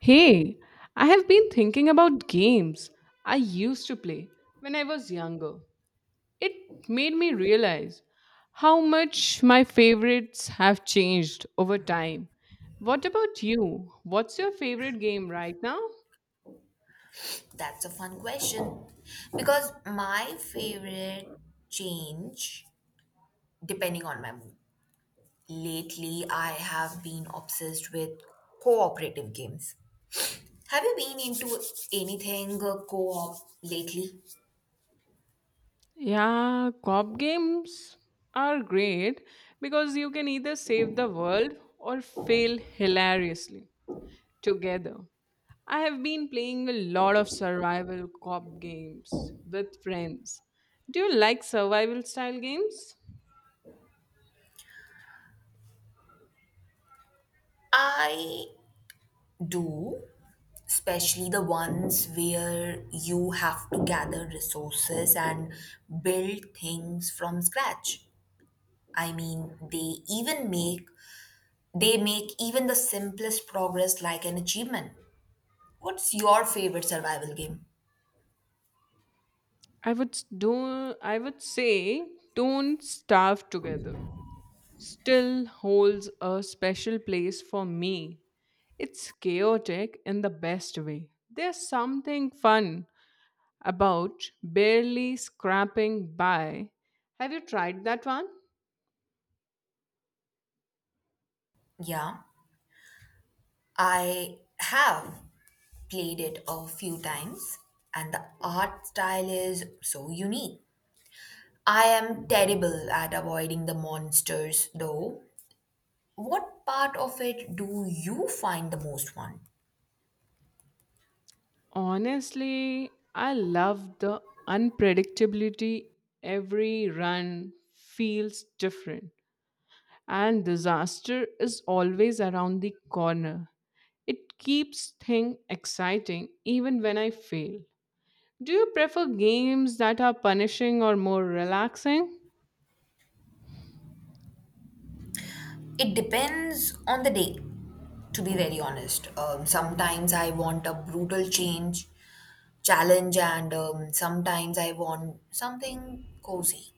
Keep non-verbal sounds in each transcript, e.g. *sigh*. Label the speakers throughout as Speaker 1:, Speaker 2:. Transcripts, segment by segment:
Speaker 1: Hey, I have been thinking about games I used to play when I was younger. It made me realize how much my favorites have changed over time. What about you? What's your favorite game right now?
Speaker 2: That's a fun question because my favorite change, depending on my mood. Lately, I have been obsessed with cooperative games. Have you been into anything co-op lately?
Speaker 1: Yeah, cop games are great because you can either save the world or fail hilariously together. I have been playing a lot of survival cop games with friends. Do you like survival style games?
Speaker 2: I do, especially the ones where you have to gather resources and build things from scratch. I mean, they make even the simplest progress like an achievement. What's your favorite survival game?
Speaker 1: I would say Don't Starve Together still holds a special place for me. It's chaotic in the best way. There's something fun about barely scrapping by. Have you tried that one?
Speaker 2: Yeah, I have played it a few times, and the art style is so unique. I am terrible at avoiding the monsters, though. What part of it do you find the most fun?
Speaker 1: Honestly, I love the unpredictability. Every run feels different, and disaster is always around the corner. It keeps things exciting even when I fail. Do you prefer games that are punishing or more relaxing?
Speaker 2: It depends on the day to be very honest. Sometimes I want a brutal challenge, and sometimes I want something cozy.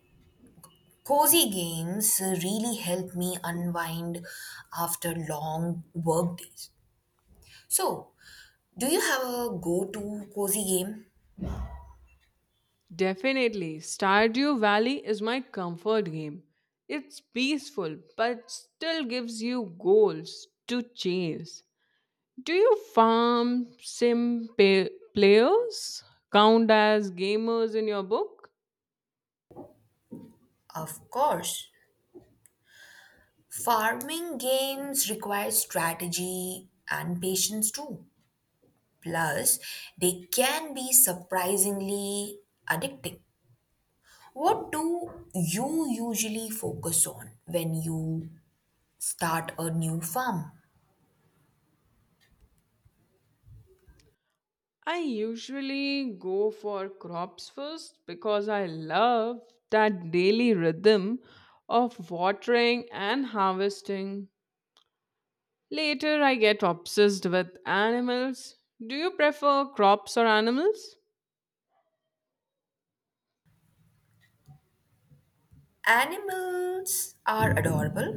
Speaker 2: Cozy games really help me unwind after long work days, so do you have a go-to cozy game?
Speaker 1: Definitely, Stardew Valley is my comfort game. It's peaceful but still gives you goals to chase. Do you farm players count as gamers in your book?
Speaker 2: Of course, farming games require strategy and patience too. Plus, they can be surprisingly addicting. What do you usually focus on when you start a new farm?
Speaker 1: I usually go for crops first because I love that daily rhythm of watering and harvesting. Later, I get obsessed with animals. Do you prefer crops or animals?
Speaker 2: Animals are adorable,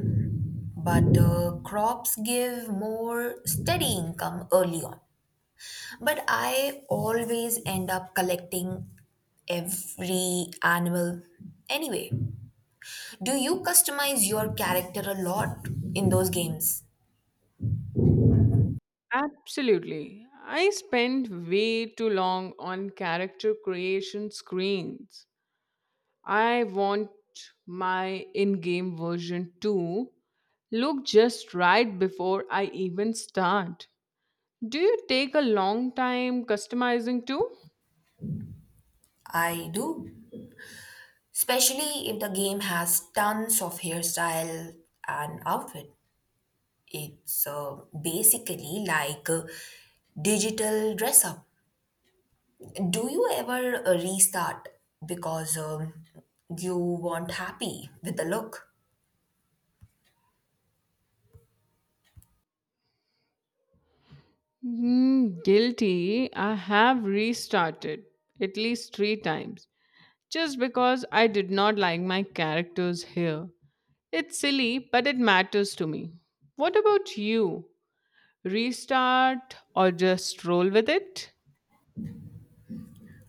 Speaker 2: but crops give more steady income early on. But I always end up collecting every animal anyway. Do you customize your character a lot in those games?
Speaker 1: Absolutely. I spend way too long on character creation screens. I want my in game version to look just right before I even start. Do you take a long time customizing too?
Speaker 2: I do, especially if the game has tons of hairstyle and outfit. It's basically like a digital dress up. Do you ever restart because you weren't happy with the look?
Speaker 1: Hmm, guilty. I have restarted at least three times just because I did not like my characters here. It's silly, but it matters to me. What about you? Restart or just roll with it?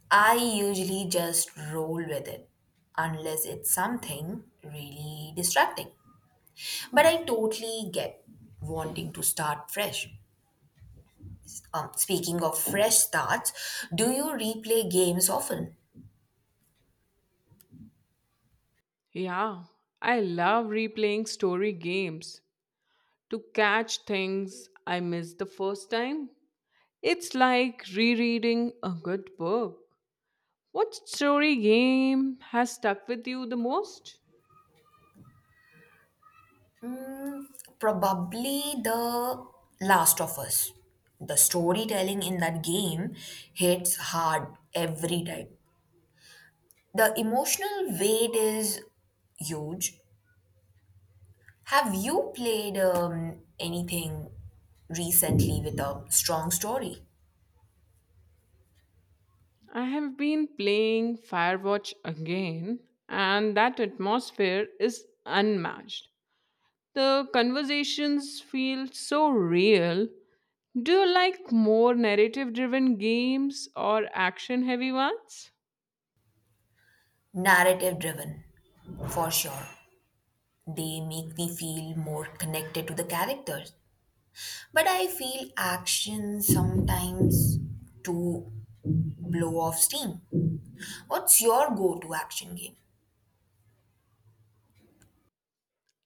Speaker 2: I usually just roll with it unless it's something really distracting. But I totally get wanting to start fresh. Speaking of fresh starts, do you replay games often?
Speaker 1: Yeah, I love replaying story games to catch things I missed the first time. It's like rereading a good book. What story game has stuck with you the most?
Speaker 2: Mm, Probably The Last of Us. The storytelling in that game hits hard every time. The emotional weight is huge. Have you played anything recently with a strong story?
Speaker 1: I have been playing Firewatch again, and that atmosphere is unmatched. The conversations feel so real. Do you like more narrative driven games or action heavy ones?
Speaker 2: Narrative driven, for sure. They make me feel more connected to the characters. But I feel action sometimes to blow off steam. What's your go to action game?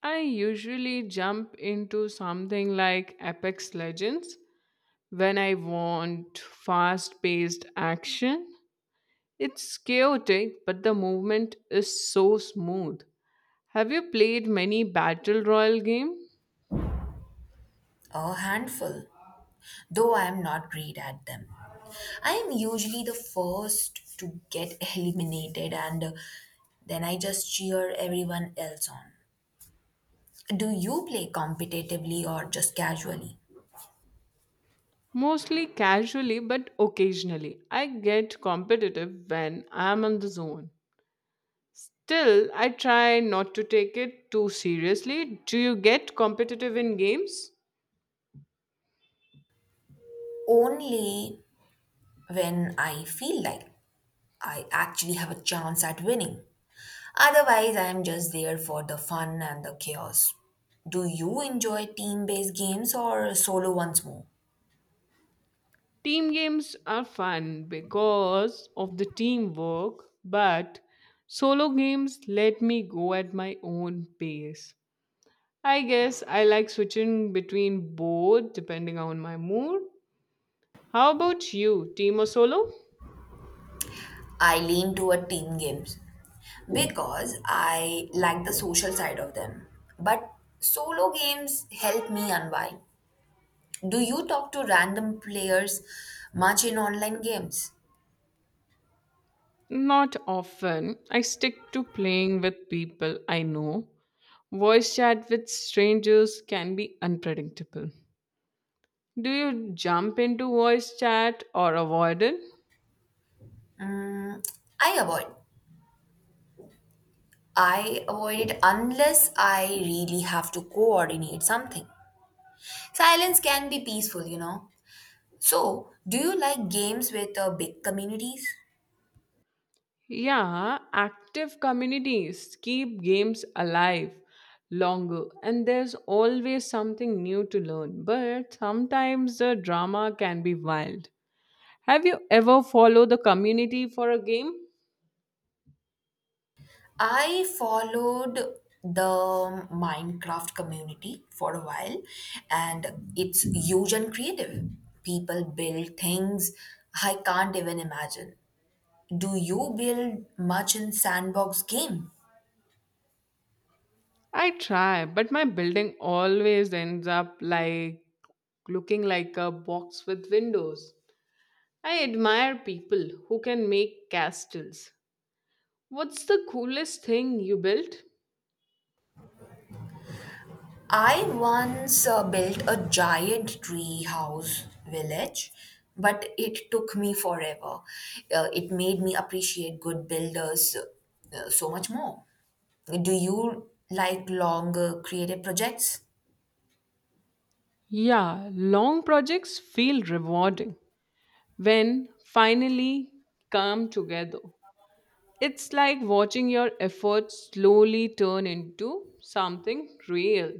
Speaker 1: I usually jump into something like Apex Legends when I want fast paced action. It's chaotic, but the movement is so smooth. Have you played many Battle Royale games?
Speaker 2: A handful, though I'm not great at them. I am usually the first to get *laughs* eliminated and then I just cheer everyone else on. Do you play competitively or just casually?
Speaker 1: Mostly casually, but occasionally. I get competitive when I'm in the zone. Still, I try not to take it too seriously. Do you get competitive in games?
Speaker 2: Only when I feel like I actually have a chance at winning. Otherwise, I am just there for the fun and the chaos. Do you enjoy team based games or solo ones more?
Speaker 1: Team games are fun because of the teamwork, but solo games let me go at my own pace. I guess I like switching between both depending on my mood. How about you, team or solo?
Speaker 2: I lean toward team games because I like the social side of them. But solo games help me unwind. Do you talk to random players much in online games?
Speaker 1: Not often. I stick to playing with people I know. Voice chat with strangers can be unpredictable. Do you jump into voice chat or avoid it?
Speaker 2: Mm, I avoid. I avoid it unless I really have to coordinate something. Silence can be peaceful, you know. So, do you like games with big communities?
Speaker 1: Yeah, active communities keep games alive longer, and there's always something new to learn. But sometimes the drama can be wild. Have you ever followed the community for a game?
Speaker 2: I followed the Minecraft community for a while, and it's huge and creative. People build things I can't even imagine. Do you build much in sandbox game?
Speaker 1: I try, but my building always ends up like looking like a box with windows. I admire people who can make castles. What's the coolest thing you built?
Speaker 2: I once built a giant tree house village, but it took me forever. It made me appreciate good builders so much more. Do you like longer creative projects?
Speaker 1: Yeah, long projects feel rewarding when finally come together. It's like watching your efforts slowly turn into something real.